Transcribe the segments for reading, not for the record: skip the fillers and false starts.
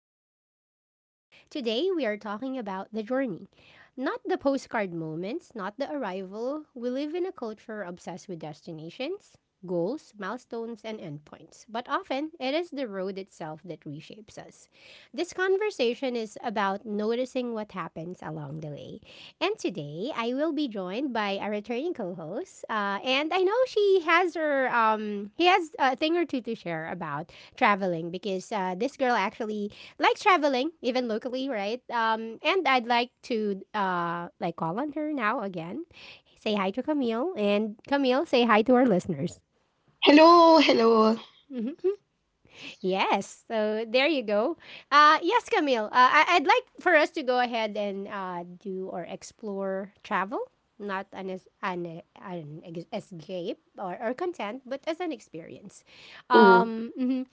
even while moving. Today we are talking about the journey. Not the postcard moments, not the arrival. We live in a culture obsessed with destinations, goals, milestones, and endpoints. But often, it is the road itself that reshapes us. This conversation is about noticing what happens along the way, and today, I will be joined by a returning co-host, and I know she has her he has a thing or two to share about traveling because this girl actually likes traveling, even locally, right? And I'd like to call on her now again, say hi to Camille, and Camille, say hi to our listeners. Hello, hello. Yes. So there you go. Yes, Camille. I'd like for us to go ahead and do or explore travel, not an, es- an ex- escape or content, but as an experience. Hmm. Mhm.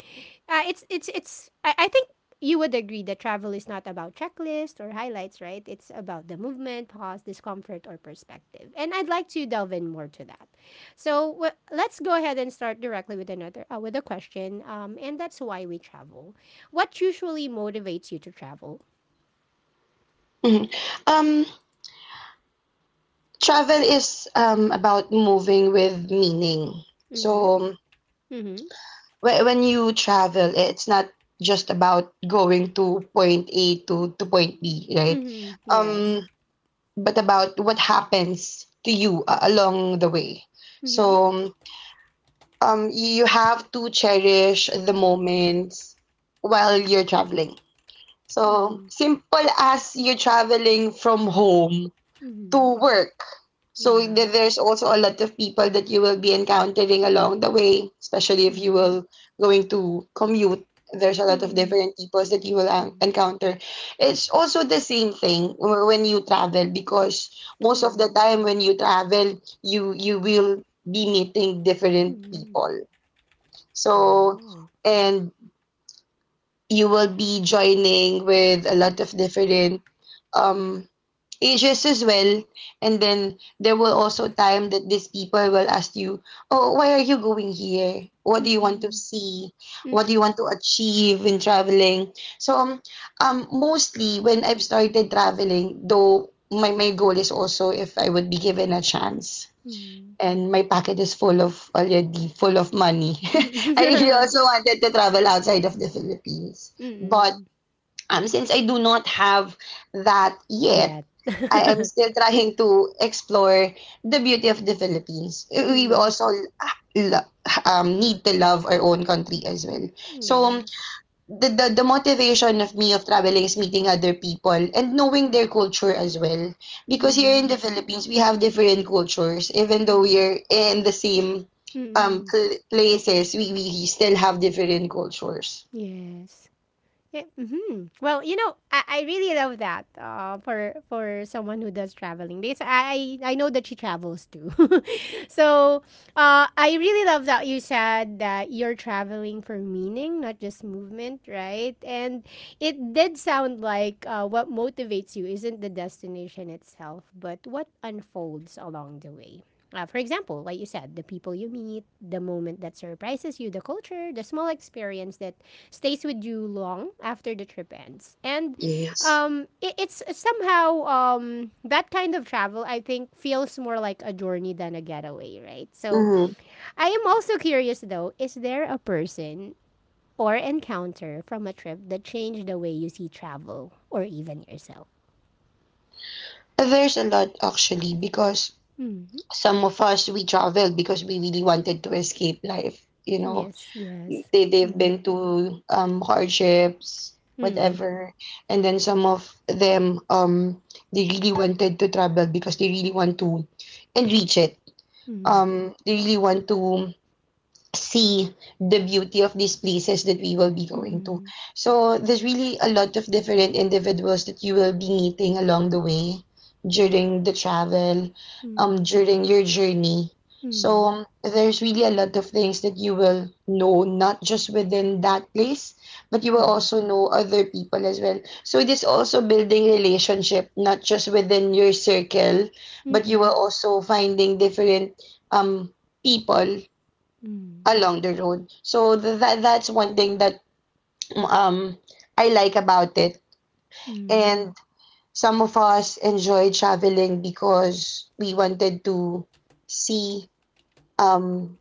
I think you would agree that travel is not about checklist or highlights, right? It's about the movement, pause, discomfort, or perspective. And I'd like to delve in more to that. So let's go ahead and start directly with another with a question. And that's why we travel. What usually motivates you to travel? Hmm. Um, Travel is about moving with meaning. Mm-hmm. So Mm-hmm. When you travel, it's not just about going to point A to point B, right? Mm-hmm. Yes. Um, but about what happens to you along the way. Mm-hmm. So you have to cherish the moments while you're traveling. So Mm-hmm. simple as you're traveling from home Mm-hmm. to work. So Yeah. There's also a lot of people that you will be encountering along the way, especially if you Mm-hmm. will going to commute. There's a lot of Mm-hmm. different peoples that you will encounter. It's also the same thing when you travel because most of the Mm-hmm. time when you travel, you will be meeting different Mm-hmm. people. So Oh. and you will be joining with a lot of different um ages as well. And then there will also time that these people will ask you, "Oh, why are you going here? What do Mm-mm. you want to see? What do you want to achieve in traveling?" So mostly when I've started traveling, though my goal is also if I would be given a chance. Mm-mm. And my pocket is full of already full of money. I really also wanted to travel outside of the Philippines, but Mm, since I do not have that yeah. yet, I am still trying to explore the beauty of the Philippines. We Mm, also lo- need to love our own country as well. yeah. So the motivation of me of traveling is meeting other people and knowing their culture as well. Because here in Mm, the Philippines, we have different cultures. Even though we're in the same mm, places, we still have different cultures. yes. Yeah, mhm. Well, I really love that for someone who does traveling because I know that she travels too. So I really love that you said that you're traveling for meaning, not just movement, right? And it did sound like what motivates you isn't the destination itself, but what unfolds along the way. For example, like you said, the people you meet, the moment that surprises you, the culture, the small experience that stays with you long after the trip ends. And Yes. It, it's somehow that kind of travel, I think, feels more like a journey than a getaway, right? So Mm-hmm. I am also curious, though, is there a person or encounter from a trip that changed the way you see travel or even yourself? There's a lot actually because Mm-hmm. some of us we traveled because we really wanted to escape life. Yes, yes. They've been to hardships Mm, whatever, and then some of them, they really wanted to travel because they really want to and reach it, mm, they really want to see the beauty of these places that we will be going to. mm, So there's really a lot of different individuals that you will be meeting along the way during the travel, mm, during your journey. mm, mm, mm, So there's really a lot of things that you will know not just within that place, but you will also know other people as well. So it is also building relationship not just within your circle, but you mm, will also finding different um people along the road. So that's one thing that um I like about it. mm, mm, And some of us enjoy traveling because we wanted to see um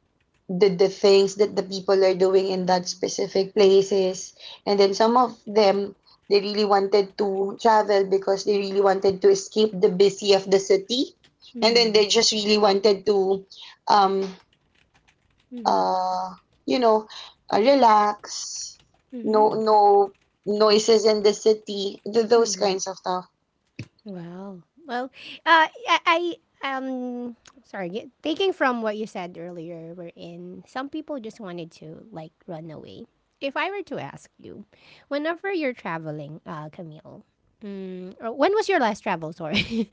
the things that the people are doing in that specific places. And then some of them they really wanted to travel because they really wanted to escape the busy of the city. And then mm, they just really wanted to um mm, uh, you know, relax, no mm, no noises in the city, those mm. kinds of stuff. Wow. Well, uh, I, I sorry. Taking from what you said earlier, we're in. Some people just wanted to like run away. If I were to ask you, whenever you're traveling, Camille, mm, or when was your last travel? Sorry,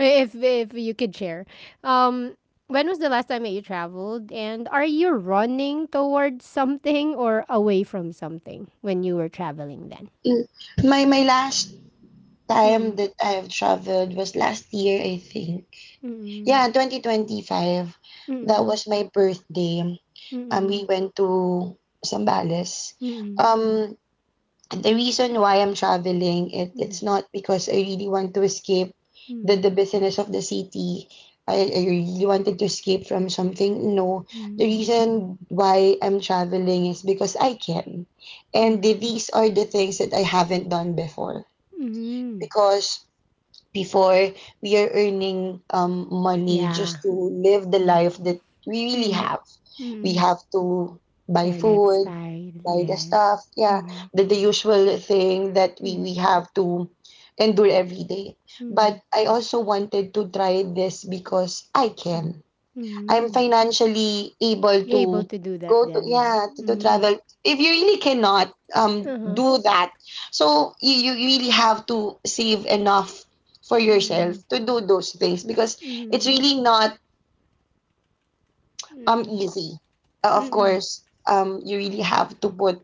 if you could share, um, when was the last time that you traveled, and are you running towards something or away from something when you were traveling then? Mm. My last time Mm, that I have traveled was last year, I think. mm, Yeah, 2025. That mm, was my birthday. We mm. went to Zambales. Mm, Um, the reason why I'm traveling, it's mm, not because I really want to escape the mm, business of the city. I really wanted to escape from something. No, the mm, reason why I'm traveling is because I can. And mm, these are the things that I haven't done before. mm. Because before we are earning Yeah. money just to live the life that we really Mm, have. We mm. have to buy Their food, lifestyle, buy the yes. stuff, yeah, Mm, the usual thing that we, mm, we have to endure every day. But mm, I also wanted to try this because I mm, can. I'm mm. financially able Able to to do that go to then. yeah, to Mm. travel. If you really cannot Uh-huh. do that, so you really have to save enough for yourself Mm, to do those things because mm, it's really not mm, easy. Of mm, course, you really have to put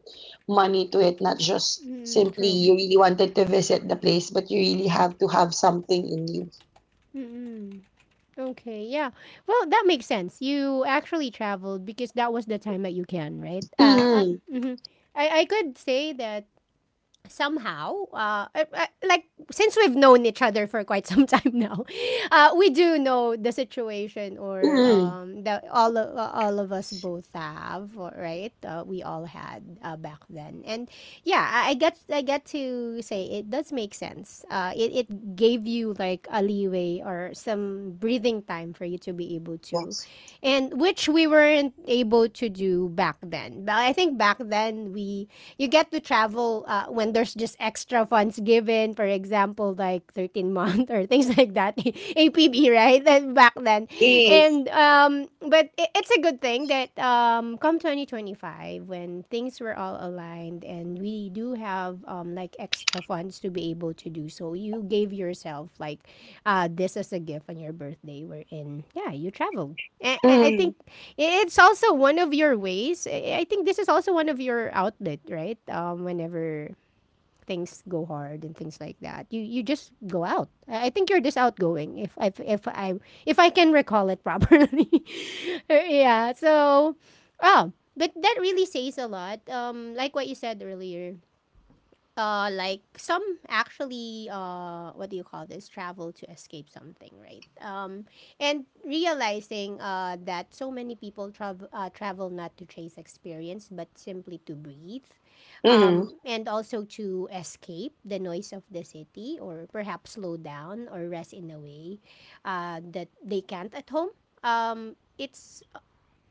money to it, not just mm. simply True. you really wanted to visit the place, but you really have to have something in you. Mm-mm. Okay, yeah. Well, that makes sense. You actually traveled because that was the time that you can, right? Mm-hmm. Mhm. I could say that somehow, since we've known each other for quite some time now, we do know the situation or Mm-hmm. That all of us both have, or- right? We all had back then, and yeah, I get to say it does make sense. It it gave you like a leeway or some breathing time for you to be able to, Yes, and which we weren't able to do to back then. But I think back then we you get to travel when there's just extra funds given. For example, like 13th month or things like that, APB, right? Then back then, yes. and but it, it's a good thing that come 2025 when things were all aligned and we do have extra funds to be able to do so. You gave yourself like this as a gift on your birthday, wherein yeah you traveled. And I Mm-hmm. think it's also one of your ways. I think this is also one of your outlet, right? Whenever things go hard and things like that, you just go out. I think you're just outgoing. If I if I can recall it properly, yeah. So, oh, but that really says a lot. Like what you said earlier like some actually what do you call this travel to escape something right and realizing that so many people travel travel not to chase experience but simply to breathe Mm-hmm. and also to escape the noise of the city or perhaps slow down or rest in a way that they can't at home it's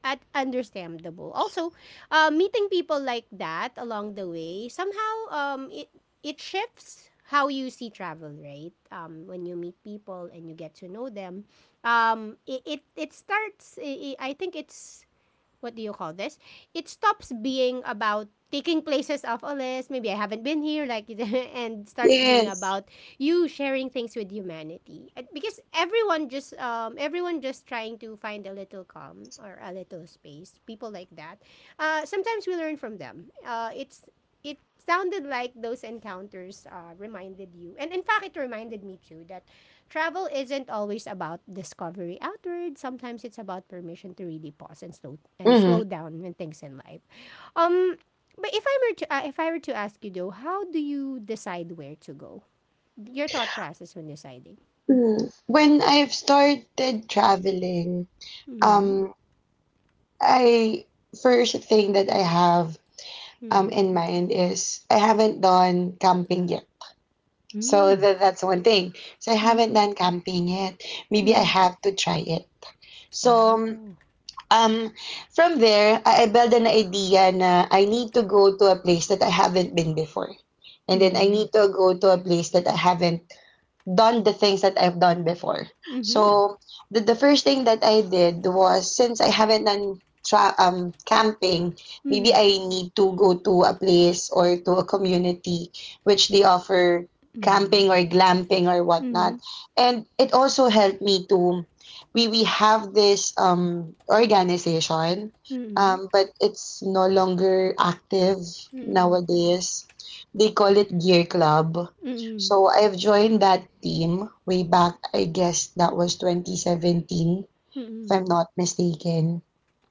at understandable. Also, meeting people like that along the way somehow it shifts how you see travel, right? When you meet people and you get to know them, it it starts. I think it's what do you call this? It stops being about taking places off a list. Maybe I haven't been here, like, and starts being Yes. about you sharing things with humanity. And because everyone just trying to find a little calm or a little space. People like that. Sometimes we learn from them. It sounded like those encounters reminded you, and in fact, it reminded me too that travel isn't always about discovery outward. Sometimes it's about permission to really pause and slow Mhm. down with things in life. Um, but if I were to ask you though, how do you decide where to go? Your thought process when deciding. Mm. When I've started traveling, Mm-hmm. um, I first thing that I have Mm-hmm. in mind is I haven't done camping yet. So Mm-hmm. that's one thing. So I haven't done camping yet. Maybe I Mm-hmm. have to try it. Oh. So Mm-hmm. Oh. um, from there, I build an idea na I need to go to a place that I haven't been before. And then I Mm-hmm. need to go to a place that I haven't done the things that I've done before. Mm-hmm. So the first thing that I did was since I haven't done camping, Mm-hmm. maybe I need to go to a place or to a community which they offer Mm-hmm. camping or glamping or Mm-hmm. whatnot. And it also helped me to we have this organization, Mm-hmm. But it's no longer active nowadays. They call it Gear Club, Mm-hmm. so I've joined that team way back, I guess that was 2017, if Mm-hmm. I'm not mistaken.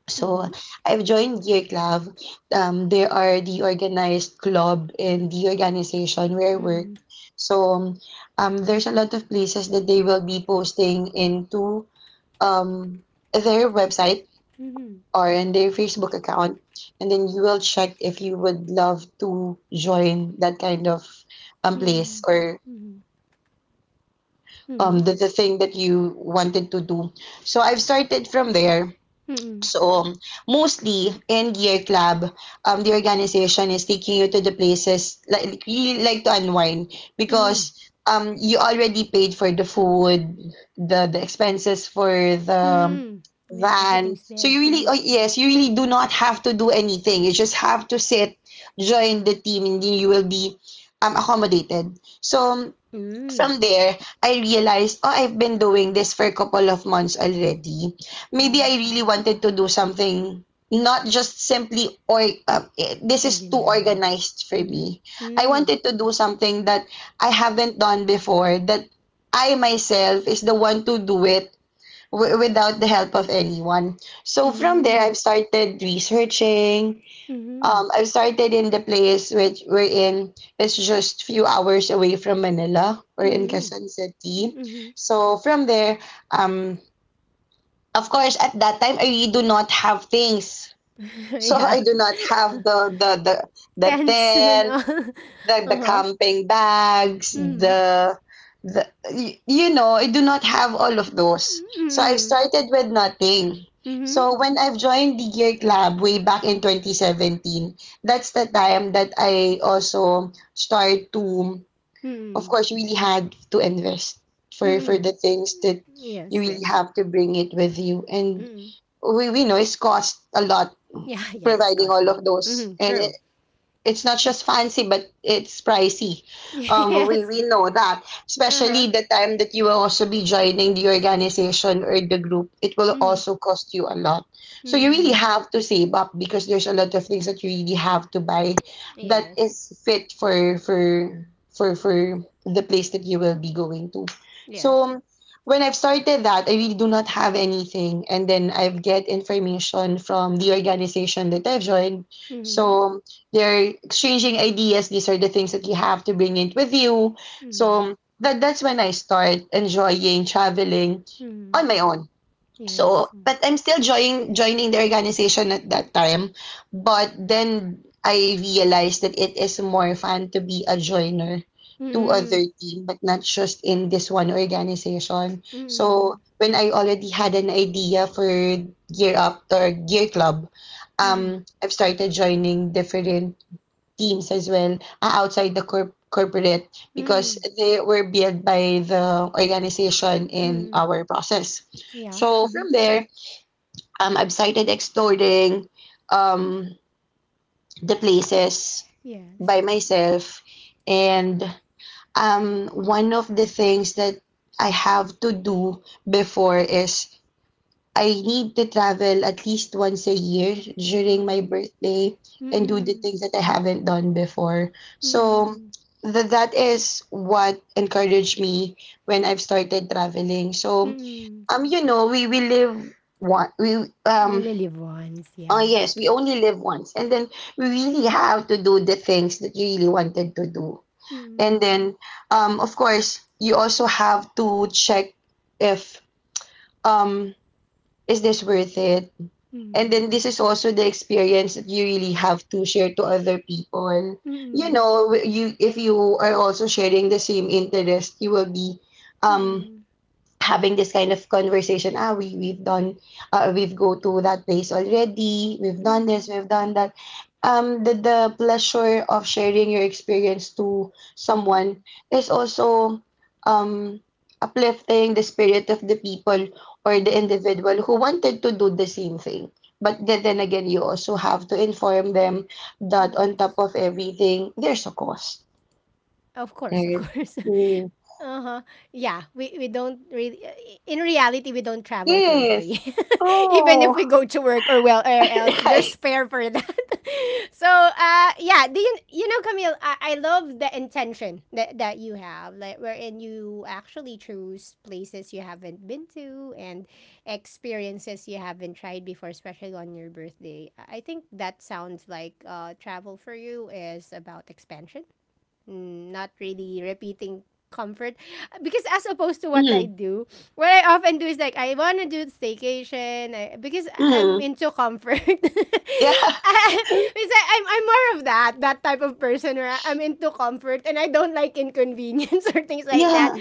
So I've joined Gear Club. They are the organized club and the organization where I work. So there's a lot of places that they will be posting into um, their website Mm-hmm. or in their Facebook account. And then you will check if you would love to join that kind of place Mm-hmm. or Mm-hmm. the thing that you wanted to do, so I've started from there. Mm-hmm. So mostly in Gear Club, the organization is taking you to the places like you like to unwind Mm. because you already paid for the food, the expenses for the Mm. Yeah, van, everything's so there. you really, oh Mhm. yes, you really do not have to do anything. You just have to sit, join the team, and then you will be accommodated. So Mm. from there, I realized, oh, I've been doing this for a couple of months already. Maybe Mhm. I really wanted to do something not just simply or this is too Ordinary. organized for Mm. me. I Mm. wanted to do something that I haven't done before, that I myself is the one to do it without the help of anyone. So from there Mm. I've started researching. Mhm. I've started in the place which we're in. It's just few hours away from Manila. We're in Mhm. Quezon City. Mhm. So from there, um, of course, at that time, I really do not have things. So Yeah. I do not have the Tense and tent, all. the, the Uh-huh. camping bags, Mhm. The I do not have all of those. So I've Mhm. started with nothing. Mhm. So when I've joined the Gear Club way back in 2017, that's the time that I also start to, of Mhm. course, really had to invest for Mhm. the things that you Yes, really yes. have to bring it with you, and Mhm. we know it's cost a lot Yeah, yeah, it's providing all costly. of those, Mhm. and True. it's not just fancy, but it's pricey. Um, we, Yes. we know that, Uh-huh. especially the time that you will also be joining the organization or the group, it will Mhm. also cost you a lot. So you really Mhm. have to save up because there's a lot of things that you really have to buy that Yes. is fit for the place that you will be going to. Yes. So when I've started that, I really do not have anything, and then I get information from the organization that I've joined. Mhm. So they're exchanging ideas. These are the things that you have to bring in with you. Mhm. So that's when I start enjoying traveling on Mhm. my own. So, Yes. but I'm still joining the organization at that time. But then I realized that it is more fun to be a joiner to Mhm. other team, but not just in this one organization. So Mm, when I already had an idea for Gear Up or Gear Club, mhm, I've started joining different teams as well are outside the corporate because mm, they were built by the organization in mm, our process. yeah, So mhm, from there, I've started exploring um, the places yes, by myself. And one of the things that I have to do before is I need to travel at least once a year during my um, birthday and do the mm, things that I haven't done before. So mm, that is what encouraged me when I've started traveling. So mm. We live one we um Only once, oh yeah. yes, we only live once, and then we really have to do the things that you really wanted to do. And Mm, then of course you also have to check if um is this worth it, and mm, then this is also the experience that you really have to share to other people. You mm, know, you if you are also sharing the same interest, you will be um mm, having this kind of conversation. We've done, we've go to that place already, we've done this, mm, we've done that. The pleasure of sharing your experience to someone mm, is also um uplifting the spirit of the people or the mhm, individual who wanted to do the same thing. But then again, you also have to inform them that on top yes. of everything there's a cost, Of right? course, of Right. course. Mm. Uh-huh. Yeah, we don't really in reality we don't travel for free. Yes. Even if Oh. we go to work or well or else there's Right? spare for that. So yeah do you you know Camille, I love the intention that, that you have like wherein you actually choose places you haven't been to and experiences you haven't tried before especially on your birthday. I think that sounds like travel for you is about expansion, mm, not really repeating comfort because as opposed to what I Mm, do, what I often do is like I want to do staycation, I, because I'm mm, into comfort. yeah, I, because I'm more of that type of person where I'm into comfort and I don't like inconvenience or things like that. yeah.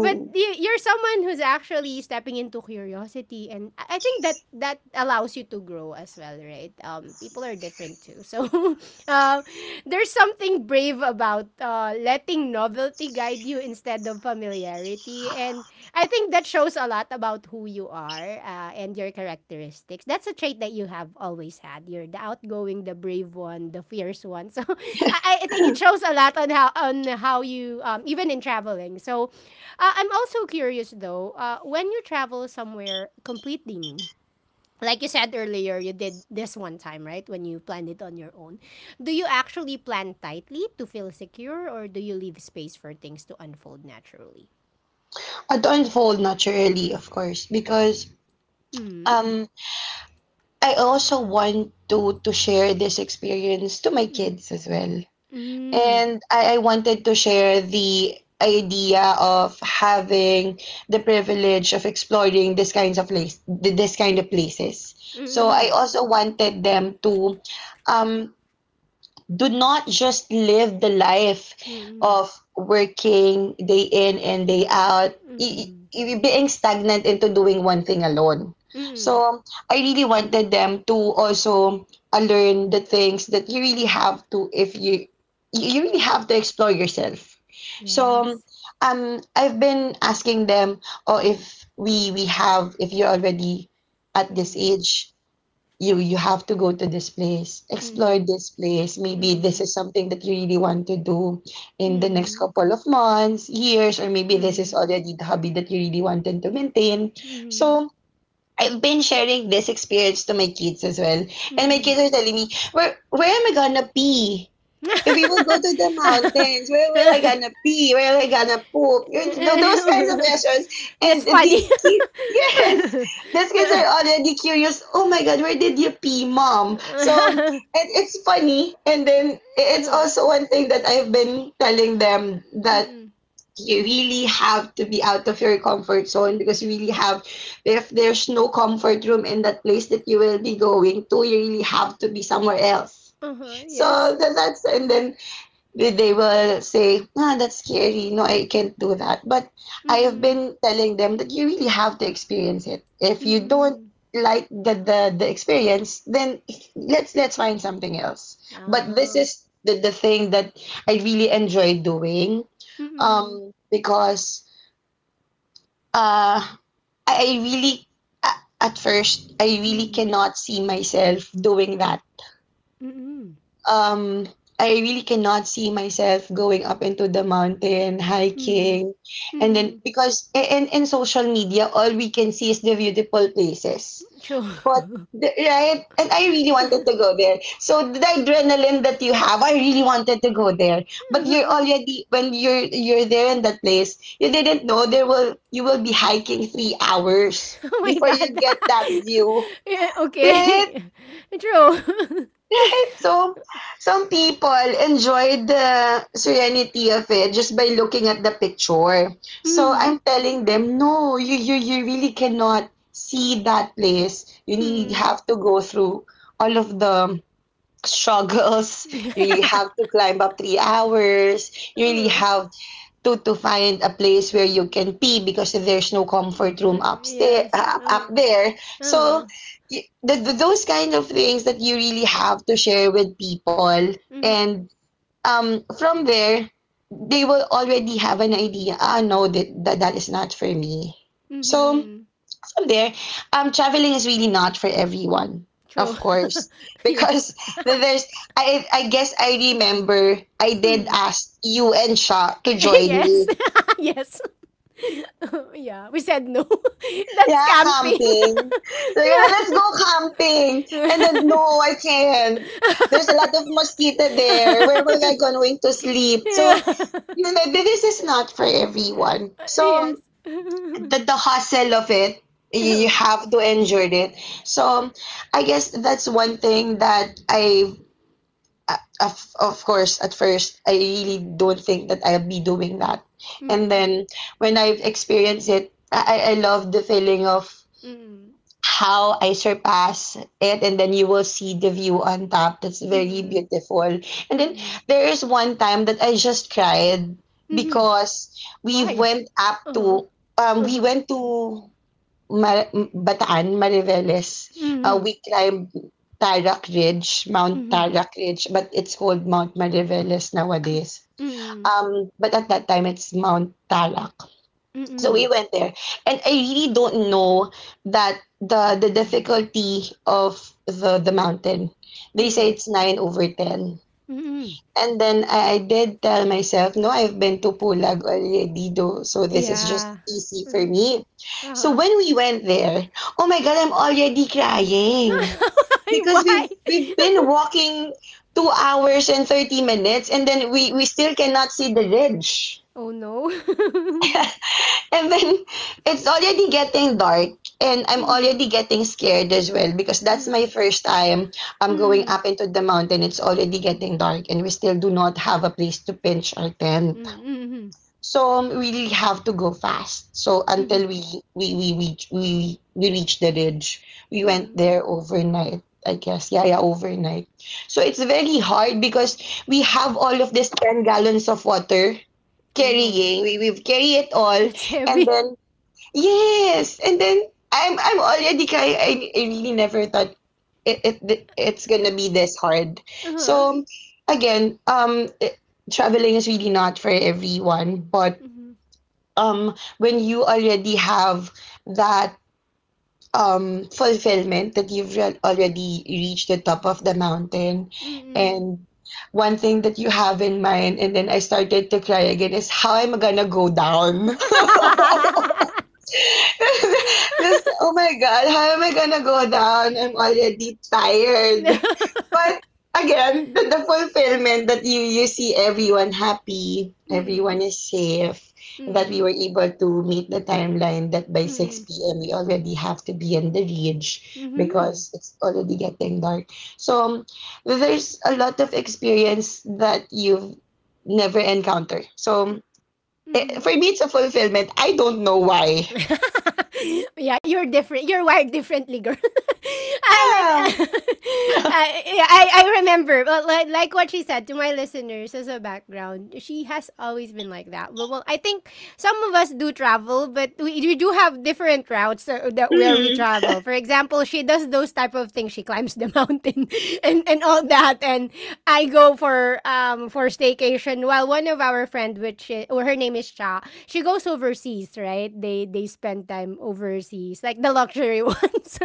But you, you're someone who's actually stepping into curiosity, and I think that that allows you to grow as well, right? People are different too, so um, There's something brave about letting novelty guide you instead of familiarity. And I think that shows a lot about who you are and your characteristics. That's a trait that you have always had. You're the outgoing, the brave one, the fierce one. So I think it shows a lot on how you even in traveling. So I'm also curious though, when you travel somewhere completely new, like you said earlier, you did this one time, right? When you planned it on your own. Do you actually plan tightly to feel secure or do you leave space for things to unfold naturally? I'd unfold naturally, of course, because Mm. um I also want to share this experience to my Mm. kids as well. Mm. And I wanted to share the idea of having the privilege of exploring this kinds of place, this kind of places. So I Mm. also wanted them to um do not just live the life Mm. of working day in and day out, i- Mm. Being stagnant into doing one thing alone. Mm. So I really wanted them to also learn the things that you really have to, if you you really have to explore yourself. So Yes. I've been asking them, or if we have, if you're already at this Mm. age, you have to go to this place, explore Mm. this place. Maybe Mm. this is something that you really want to do in the next Mm. couple of months, years, or maybe this is Mm. already the hobby that you really wanted to maintain. Mm. So I've been sharing this experience to my kids as well, and my Mm. kids are telling me, where am I gonna be if you will go to the mountains? Where will I gonna pee? Where will I gonna poop? You know, those kinds of questions. That's And these funny. kids, yes, these kids are already curious. Oh my God, where did you pee, mom? So, and it's funny. And then it's also one thing that I've been telling them, that Mm-mm. you really have to be out of your comfort zone, because you really have, if there's no comfort room in that place that you will be going to, you really have to be somewhere else. Uh-huh. Yes. So that's, and then they will say, that's scary. No, I can't do that. But I have Mm-mm. been telling them that you really have to experience it. If you Mm, don't like the experience, then let's find something else. But this ah. is the thing that I really enjoy doing. Mm. Because uh I really, at first I really Mm. cannot see myself doing that Mm-mm. um, I really cannot see myself going up into the mountain, Mm. hiking, Hmm. and then, Mm. because in social media, all we can see is the beautiful places. True. But right, and I really wanted to go there. So the adrenaline that you have, I really wanted to go there. But you're Uh-huh. already, when you're there in that place, you didn't know, there will, you will be hiking 3 hours Oh my before you God. get that view. Eh, Right? okay. True. Right? So some people enjoy the serenity of it just by looking at the picture. So Mm. I'm telling them, no, you really cannot see that place. You really Mm. have to go through all of the struggles. You really have to climb up 3 hours. You really Uh, have to find a place where you can pee because there's no comfort room upstairs, yes. up Uh-huh. there. Uh-huh. So those kind of things that you really have to share with people. Mhm. And from there, they will already have an idea. No, that is not for me. So Mhm. from there, traveling is really not for everyone, True. of course, Yes. because there's, I guess, I remember I did Mm. ask you and Sha to join Yes. me. Yes. Yeah, we said no. That's Yeah, camping. camping. So you're like, let's go camping. And then, Yeah. no, I can't. There's a lot of mosquito there. Where will I going to sleep? So, Yeah. you know, this is not for everyone. So Yes. the hustle of it, you have to endure it. So I guess that's one thing that of course, at first, I really don't think that I'll be doing that. And Mm, then when I've experienced it, I love the feeling of mm, how I surpass it, and then you will see the view on top. That's very mm, beautiful. And mm, then mm, there is one time that I just cried, mhm. because we Why? went up Uh-huh. to we Uh-huh. went to, Bataan, Mariveles. Mm, We climbed Tarak Ridge, Mount mm, Tarak Ridge, but it's called Mount Mariveles nowadays. mm, But at that time it's Mount Tarak. So we mm, went there, and I really don't know that the difficulty of the mountain. They say mm, it's nine over ten, mm. and then I did tell myself, no, I've been to Pulag already, though, so this is Yeah. just easy for Mhm. me. So Uh-huh. when we went there, oh my god, I'm already crying because Why? we've been walking 2 hours and 30 minutes, and then we still cannot see the ridge. Oh no. And then it's already getting dark, and I'm Mhm, already getting scared as well, because that's my mhm, first time I'm going mhm, up into the mountain. It's already getting dark, and we still do not have a place to pinch our tent. mhm, mhm, So we really have to go fast. So mhm, until we reach the ridge. We went mhm. there overnight, I guess. Yeah, yeah, overnight. So it's very hard because we have all of this 10 gallons of water Oh no. carrying. We've carry it all. That's And heavy. then, yes, and then I'm already crying. I really never thought it's gonna be this hard. Uh-huh. So again, traveling is really not for everyone. But Mhm, when you already have that fulfillment that you've already reached the top of the mountain, mhm. and one thing that you have in mind, and then I started to cry again, is how I'm gonna go down. Just, oh my God, how am I gonna go down? I'm already tired. But again, the fulfillment that you see everyone happy, Mm, everyone is safe, and that we mm. were able to meet the timeline, that by Mm. 6 p.m. we already have to be in the ridge Mhm. because it's already getting dark. So there's a lot of experience that you've never encountered. So, eh, Mhm. for me, it's a fulfillment. I don't know why. Yeah, you're different. You're wired differently, girl. I Yeah. meant, yeah, I remember, but like what she said to my listeners as a background, she has always been like that. Well, I think some of us do travel, but we do have different routes that, that where we Mm, travel. For example, she does those type of things. She climbs the mountain and all that. And I go for staycation. While one of our friend, or her name is Cha, she goes overseas. Right? They spend time overseas, like the luxury ones.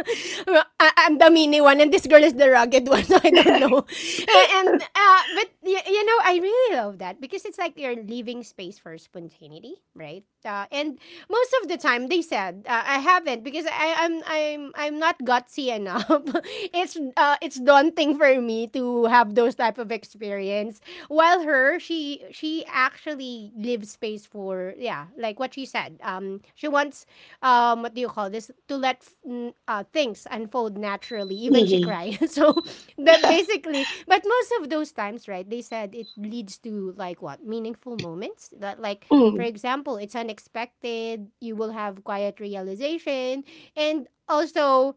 I'm the mini one, and this girl is the rugged one. So I don't know. A- And but I really love that because it's like you're leaving space for spontaneity, right? And most of the time they said I haven't because I, I'm not gutsy enough. It's daunting for me to have those type of experience. While her, she actually leaves space for yeah, like what she said. She wants what do you call this, to let things unfold naturally. Even she mhm. cries. So that basically, but most of those times, right? They said it leads to like what meaningful moments, that like for Mm, example, it's unexpected, you will have quiet realization, and also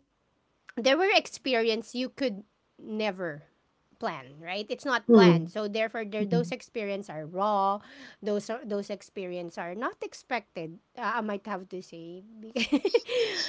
there were experience you could never plan, right? It's not mm, planned. So therefore there mm, those experience are raw, those experience are not expected. I might have to say, because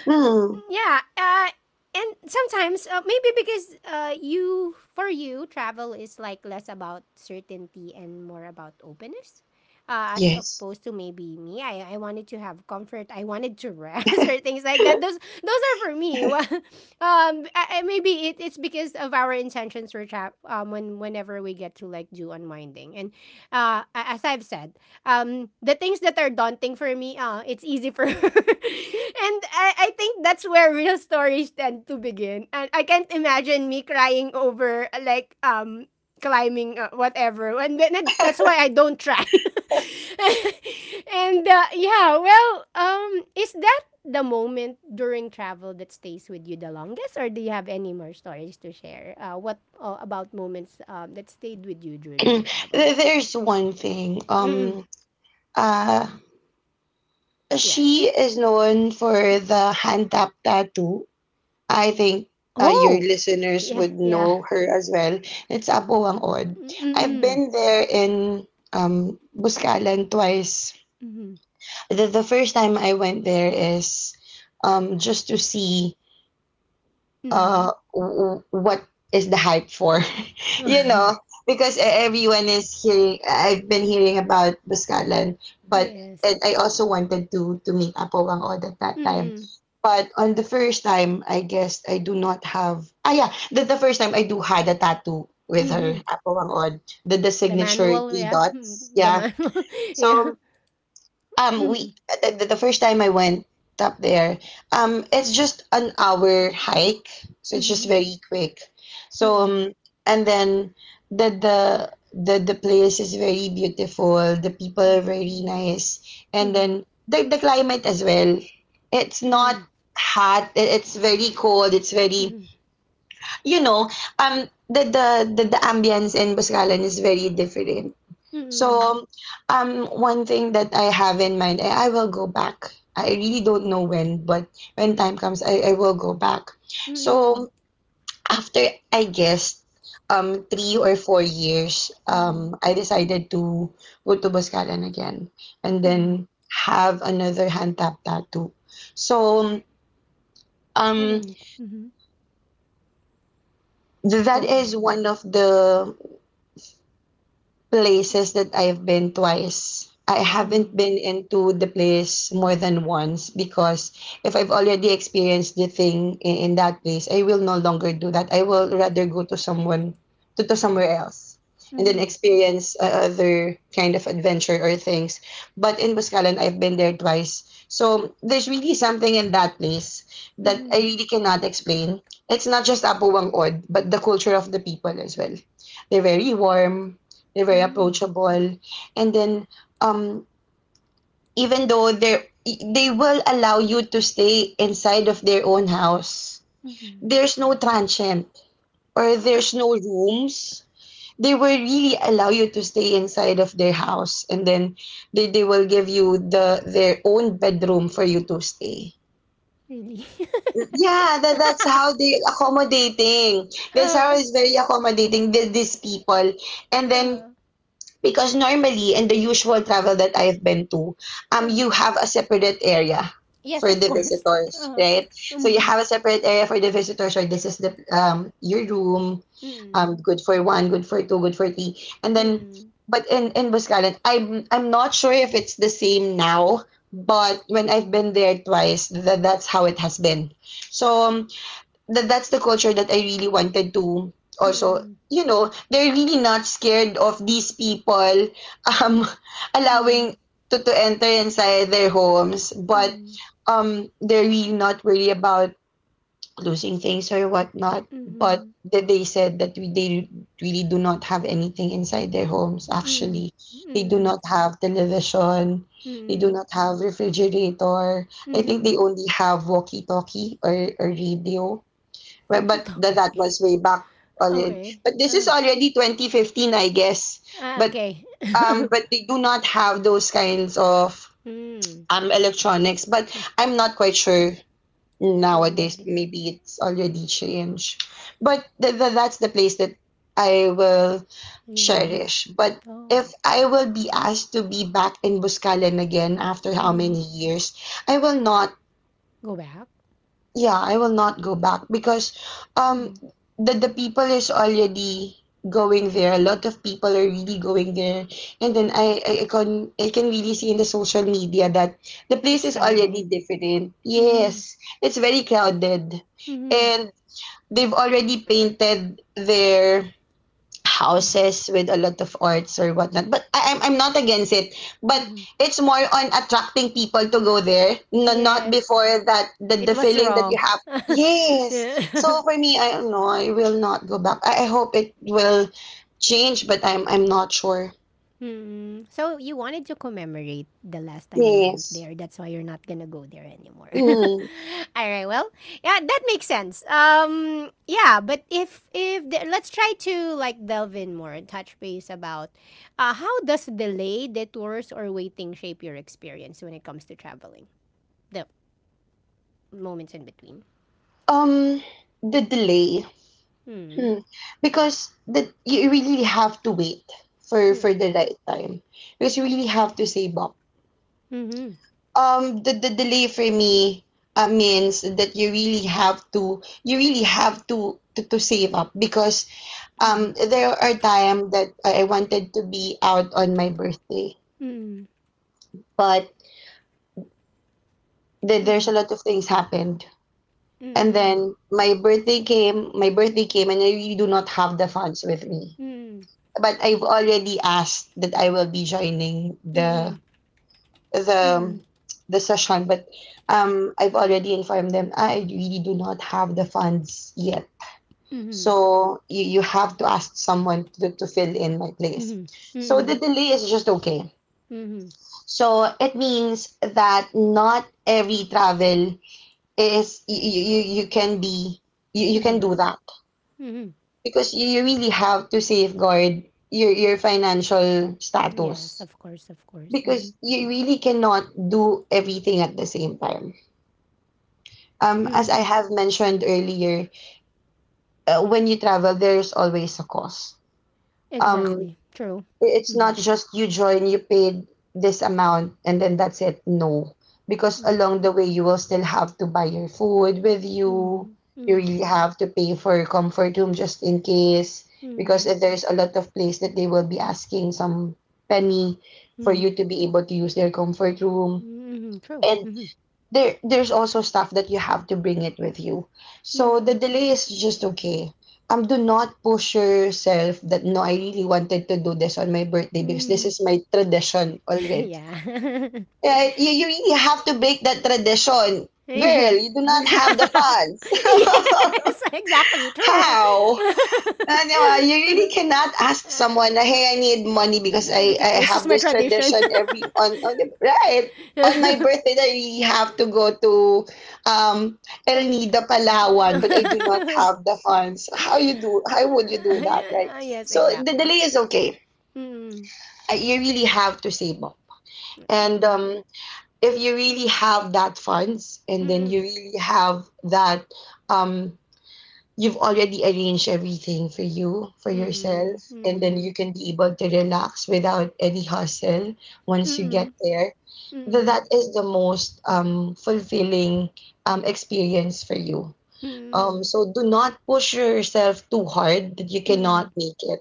mm. yeah. And sometimes maybe because you for you travel is like less about certainty and more about openness, as Yes. opposed to maybe me. I wanted to have comfort. I wanted to rest or things like that. Those are for me. Well, maybe it's because of our intentions for trap. When whenever we get to like do unwinding. And as I've said, the things that are daunting for me, it's easy for her. And I think that's where real stories tend to begin, and I can't imagine me crying over like climbing whatever, and then that's why I don't try. and yeah well, is that the moment during travel that stays with you the longest, or do you have any more stories to share, what about moments that stayed with you during There- travel? There's one thing. Mm-mm. Uh, Yes. she is known for the hand tap tattoo. I think your Oh. listeners Yeah, would yeah. know her as well. It's Apo. Mm, mm, I've mm. been there in Buscalan twice. Mhm, The first time I went there is just to see mhm. What is the hype for, you know, because everyone is hearing, I've been hearing about Buscalan. But Yes. and I also wanted to meet Apowang Od at that time. Mm, But on the first time, I guess I do not have, yeah, the first time I do had a tattoo with her, mhm. Apowang Od, the The signature manual, three yeah. Mm, dots the Yeah. manual. Yeah. So um, Mm, we the first time I went up there, it's just an hour hike, so it's just mhm, very quick. So mhm, and then the place is very beautiful. The people are very nice, and mhm, then the climate as well. It's not mhm, hot. It's very cold. It's very, mhm, you know um the the the ambience in Boscalan is very different. mhm, So, one thing that I have in mind, I will go back. I really don't know when, but when time comes, I will go back. mhm, So after I guess 3 or 4 years, mhm, I decided to go to Boscalan again, and mhm. then have another hand tap tattoo. So How um many? Mhm. That Go is ahead. one of the places that I've been twice. I haven't Uh-huh. been into the place more than once, because if I've already experienced the thing in that place, I will no longer do that. I will rather go to to somewhere else, and then Mhm, experience other kind of adventure or things. But in Buscalan, I've been there twice. So there's really something in that place that I mhm, really cannot explain. It's not just Apo Wangod, but the culture of the people as well. They're very warm, they're very mhm, approachable, and then um even though they will allow you to stay inside of their own house, mhm. there's no transient or Uh, uh, there's no rooms. They will really allow you to stay inside of their house, and then they will give you the their own bedroom for you to stay. Really? Yeah, that's how they accommodating, that's how Uh-huh, it's very accommodating, these people. And then, uh-huh, because normally in the usual travel that I've been to, you uh-huh. have a separate area Yes, for of the course. visitors, Uh-huh. right? So you Mm, have a separate area for the visitors, or this is the your room, mm, good for one, good for two, good for three, and then. mm, But in Buscalan, I'm not sure if it's the same now. But when I've been there twice, that's how it has been. So um, that's the culture that I really wanted to also, mm, you know, they're really not scared of these people, um allowing mm. To enter inside their homes, but Hmm. They're really not worried about losing things or whatnot. But Mhm, that they said that they really do not have anything inside their homes mm, actually. They do mm, not have television, they do mm, not have refrigerator. I think mhm. they only have walkie talkie or radio. Well, Bakit but okay? that was way back already. Okey. But this is Ah, already 2015, I guess. ah, But okay. But they do not have those kinds of Hmm, electronics. But I'm not quite sure homemade nowadays. din, Maybe it's already changed. But that's the place that I will mhm. cherish. But if Oh, I will be asked to be back in Buscalan again after how mhm. many years, I will not, Go back? yeah, I will not go back because um Mhm, the people is already going there. A lot of people are really going there. And mm. then I can, I can really see in the social media that the place It's is already crowded. different. Mhm, Yes. It's very crowded. mhm, And they've already painted their mm, houses with a lot of arts or whatnot. But I'm not against it. But mhm. it's more on attracting people to go there, no, not Yes, before that it the was feeling that raw. you have. Yes. Yeah. So for me, I don't know. I will not go back. I hope it will change, but I'm not sure. Mm. So you wanted to commemorate the last time you went Yes. there. That's why you're not gonna go there anymore. Mm. All right. Well, yeah, that makes sense. Yeah, but if the, let's try to like delve in more and touch base about how does delay, detours, or waiting shape your experience when it comes to traveling. The moments in between. Um. The delay. Hmm. Because the you really have to wait for the right time. Because you really have to save up. Hmm. The delay for me, means that you really have to, you really have to save up because Mm-hmm. There are time that I wanted to be out on my birthday, Mm-hmm. but there's a lot of things happened and Mm-hmm. then my birthday came and I really do not have the funds with me. Mm-hmm. But I've already asked that I will be joining Mm-hmm. Mm-hmm. the the session, but I've already informed them I really do not have the funds yet. Mm-hmm. Mm-hmm. So you have to ask someone to fill in my place. Mm-hmm. So Mm-hmm. the delay is just okay. Mm-hmm. Mm-hmm. So it means that not every travel is you can be, you can do that Mhm. because you really have to safeguard your financial Yes, status of course, of course. Mhm. because you really cannot do everything at the same time. As I Mm. have mentioned earlier, when you travel, there's always a cost. Um, Exactly. True. It's Mhm. not just you join, you paid this amount, and then that's it. No, because Mhm. along the way, you will still have to buy your food with you. You really Mhm. have to pay for your comfort room just in case, because Mhm. if there's a lot of place that they will be asking some penny for Mhm. you to be able to use their comfort room. Mhm. Mhm. True. And Mhm. There's also stuff that you have to bring it with you. So Mhm. the delay is just okay. Do not push yourself that no, I really wanted to do this on my birthday because this Mhm. is my tradition already. Yeah. Yeah, you really have to break that tradition. Girl, Yes. you do not have the funds. Yes, exactly. True. How? No, you really cannot ask someone, hey, I need money because Because I this is have my this tradition. tradition every on the, right, on my birthday that I really have to go to um El Nido Palawan, but I do not have the funds. How you do? How would you do that, right? Yes, So the exactly. delay is okay. Mm. You really have to save up, and Mm. If you really have that funds, and then Mm, you really have that um you've already arranged everything for you, for mm, yourself, and then mm, you can be able to relax without any hustle once you get mm, there. Mm, That is the most fulfilling experience for you. mm, So do not push yourself too hard that you mm. cannot make it.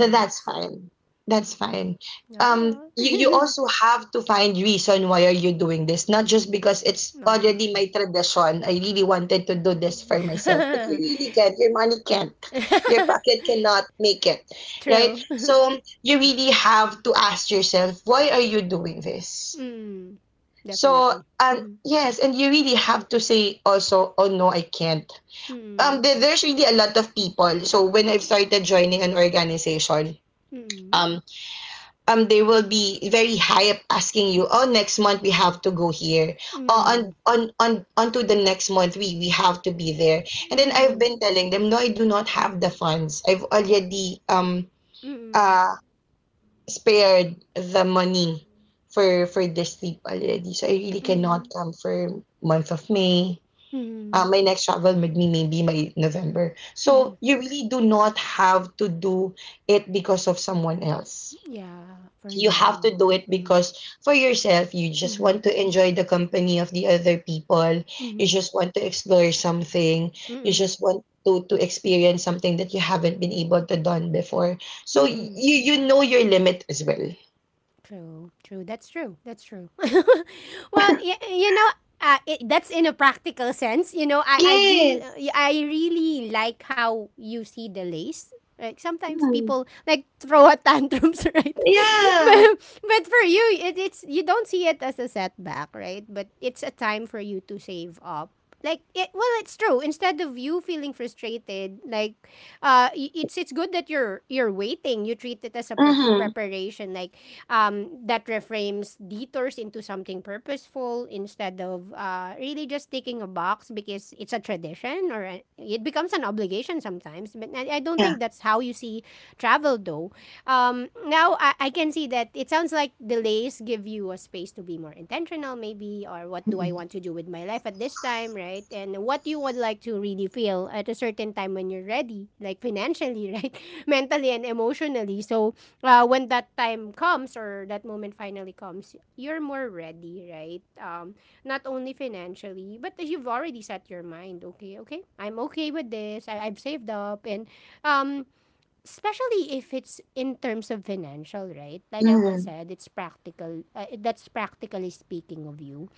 That's fine. That's fine. Oh. You also have to find reason why are you doing this, not just because it's already Okay. my tradition. I really wanted to do this for myself, but you Mm. really can't. Your money can't. Your pocket cannot make it, right? True. So you really have to ask yourself, why are you doing this? Mm. So Definitely. and Mm. yes, and you really have to say also, oh no, I can't. Mm. There's really a lot of people. So when I've started joining an organization, um, they will be very high up asking you, oh, next month we have to go here, oh, Mm. On onto the next month we have to be there, and then I've Mm. been telling them no, I do not have the funds. I've already Mm. Mm. uh spared the money for this trip already, so I really cannot Mm. come for month of May. Mm. My next travel with me maybe my November. So Mm. you really do not have to do it because of someone else. Yeah, for You have to you. do it Mm. because for yourself. You just want Mm. to enjoy the company of the other people. You Mm. just want to explore something. You Mm. just want to experience something that you haven't been able to done before. So Mm. you, you know your limit as well. True, true. That's true. That's true. Well, that's in a practical sense. Yes. I really like how you see the lace. Like sometimes Hmm. people like throw a tantrums, right? Yeah. but but for you, it, it's you don't see it as a setback, right? But it's a time for you to save up. Like it, well, it's true. Instead of you feeling frustrated, like it's good that you're waiting. You treat it as a pre- Mm-hmm. preparation. Like, that reframes detours into something purposeful, instead of really just ticking a box because it's a tradition, or a, it becomes an obligation sometimes. But I don't Yeah. think that's how you see travel though. Now I can see that it sounds like delays give you a space to be more intentional, maybe, or what do I Mhm. want to do with my life at this time, right? And what you would like to really feel at a certain time when you're ready, like financially, right? Mentally and emotionally. So when that time comes, or that moment finally comes, you're more ready, right? Not only financially, but you've already set your mind. Okay, okay, I'm okay with this. I've saved up, and um, especially if it's in terms of financial, right? Like I was Mm-hmm. said, it's practical. That's practically speaking of you.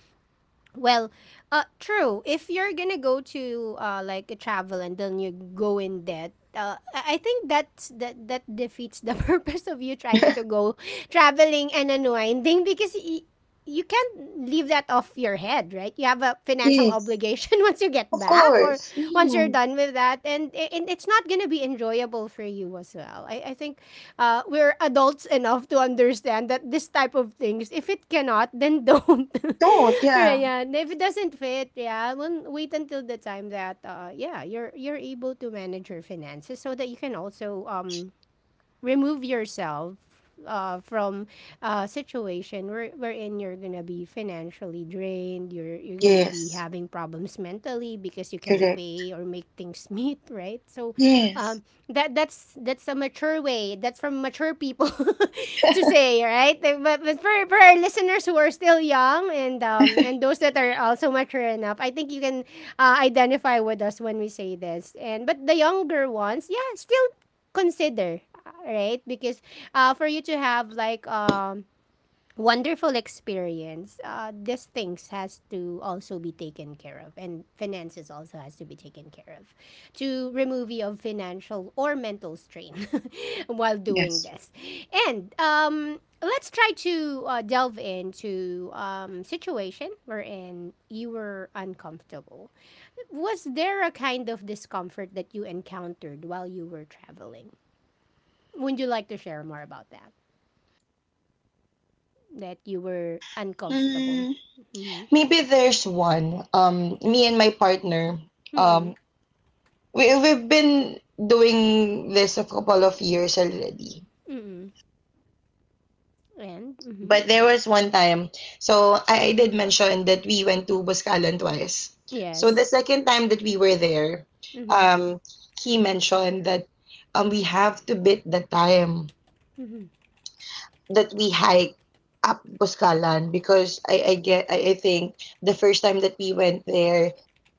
Well, true. If you're gonna go to like a travel and then you go in debt, I think that defeats the purpose of you trying to go traveling and unwinding because you can't leave that off your head, right? You have a financial Yes. obligation once you get Of back or course. once you're Mm-hmm. done with that, and it's not gonna be enjoyable for you as well. I think we're adults enough to understand that this type of things, if it cannot, then don't. Don't. Right, Yeah. yeah, and if it doesn't fit, yeah, then wait until the time that yeah, you're able to manage your finances, so that you can also remove yourself from a situation wherein you're gonna be financially drained, you're gonna be Yes. having problems mentally because you can't Correct. pay or make things meet, right? So, um, Yes. that's a mature way. That's from mature people to say, right? Like, but for our listeners who are still young, and and those that are also mature enough, I think you can identify with us when we say this. And but the younger ones, yeah, still consider, right? Because for you to have like wonderful experience, these things has to also be taken care of, and finances also has to be taken care of, to remove you of financial or mental strain while doing Yes. this. And let's try to delve into situation wherein you were uncomfortable. Was there a kind of discomfort that you encountered while you were traveling? Would you like to share more about that? That you were uncomfortable. Hmm. Mhm. Maybe there's one. Me and my partner, Mm. um, we we've been doing this a couple of years already. Mm. And mhm. But there was one time, so I did mention that we went to Buscalan twice. So Yes. the second time that we were there, Mhm. um, he mentioned that we have to beat the time Mhm. that we hike up Boscalan because I think the first time that we went there,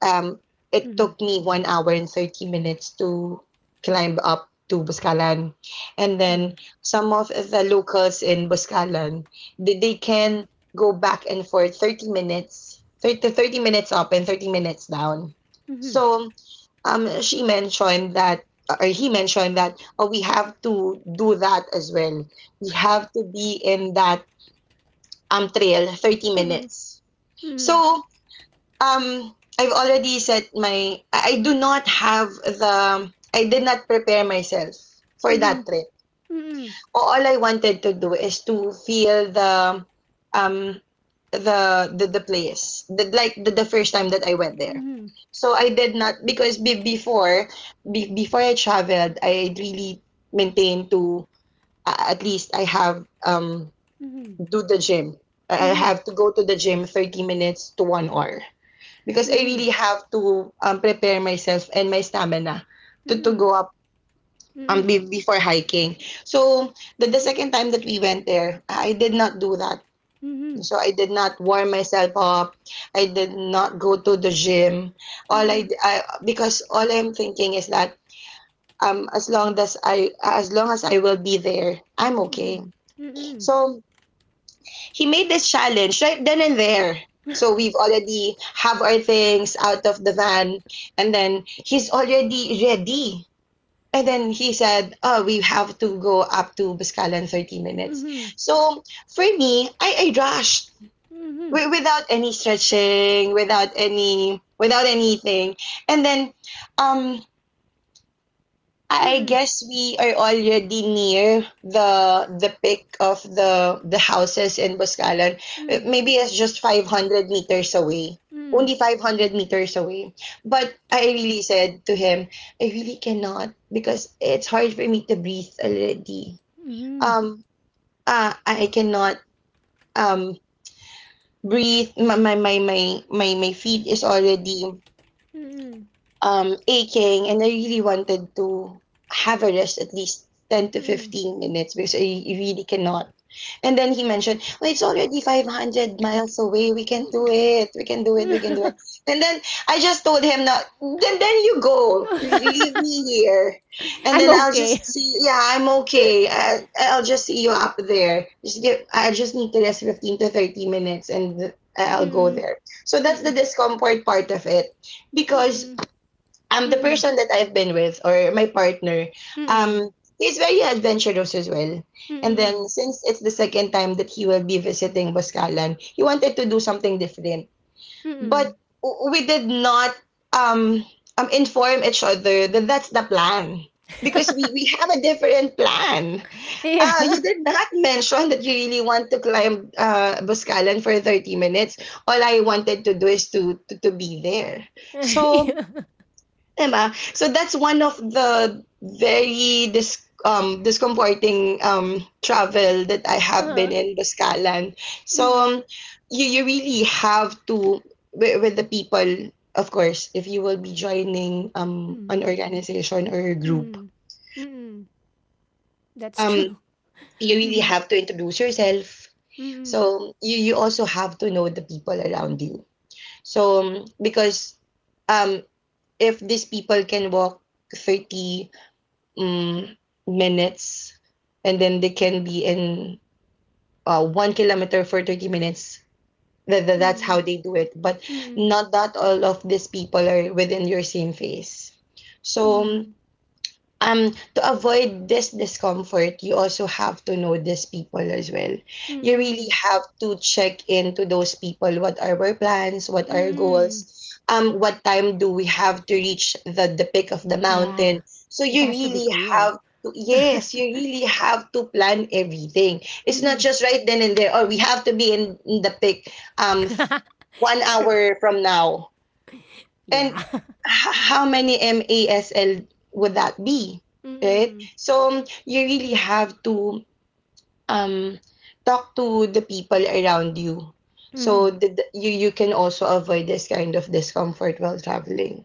um, it Mhm. took me 1 hour and 30 minutes to climb up to Boscalan, and then some of the locals in Boscalan, they can go back and forth 30 minutes, 30 minutes up and 30 minutes down. Mhm. So she mentioned that or he mentioned that, oh, we have to do that as well. We have to be in that trail 30 Mhm. minutes. So um I've already set my I do not have the, I did not prepare myself for Mhm. that Mhm. trail. All I wanted to do is to feel the um the place the, like the first time that I went there. Mhm. So I did not, because before before I traveled I really maintained to at least I have do the gym. Mhm. I Mhm. have to go to the gym 30 minutes to 1 hour because I really have to prepare myself and my stamina Mhm. Mhm. to Mhm. go up Mhm. before hiking. So the second time that we went there, I did not do that. Mhm. So I did not warm myself up. I did not go to the gym. All I, d- I- because all I'm thinking is that as long as I will be there, I'm okay. So he made this challenge right then and there. So we've already have our things out of the van, and then he's already ready, and then he said, "Oh, we have to go up to Bascala in 30 Mhm. minutes." Mhm. Mm-mm. Mm-mm. So for me, I rushed Mm-mm. Mm-mm. Without any stretching, without anything. And then, um, I Mm-mm. guess we are already near the peak of the houses in Boscalan. Mm-mm. Maybe it's just 500 meters away. Only 500 meters away. But I really said to him, I really cannot because it's hard for me to breathe already. Mm-mm. Um I cannot um breathe, my feet is already Mm-mm. Aching, and I really wanted to have a rest at least 10 to 15 minutes because I really cannot. And then he mentioned, well, it's already 500 miles away. We can do it. We can do it. We can Mm-mm. do it. And then I just told him, not, then you go. Leave me here. And I'm then I'll okay. just see, yeah, I'm okay. I'll just see you up there. I just need to rest 15 to 30 minutes and I'll go Mm-mm. there. So that's the Mm-mm. discomfort part of it because the Mm-mm. person that I've been with or my partner, Mm, um he's very adventurous as well. And then mm, since it's the second time that he will be visiting Boscalan, he wanted to do something different. But mm. we did not um inform each other that's the plan. Because we have a different plan. Yeah. You did not mention that you really want to climb Boscalan for 30 minutes. All I wanted to do is to be there. So, diba? So that's one of the very discomforting travel that I have Uh-huh. been in Boscalan. So Mm, you really have to, with the people, of course, if you will be joining mm, an organization or a group, mm, mm. That's um true. you really Mm, have to introduce yourself. mm, So you also have to know the people around you. So because um if these people can walk 30 mm, minutes, and then they can be in 1 kilometer for 30 minutes. That's mm, how they do it. But mm, not that all of these people are within your same phase. So mm, to avoid this discomfort, you also have to know these people as well. You really mm, have to check into those people, what are our plans, what are our goals, mm. What time do we have to reach the peak of the Yeah. mountain, so It you has to be really clear. have to, yes, you really have to plan everything. It's not Mm. just right then and there, or we have to be in the peak um f- one True. hour from now, and Yeah. how many MASL would that be, right? Mm. So you really have to um, talk to the people around you, so Mhm. that you can also avoid this kind of discomfort while traveling.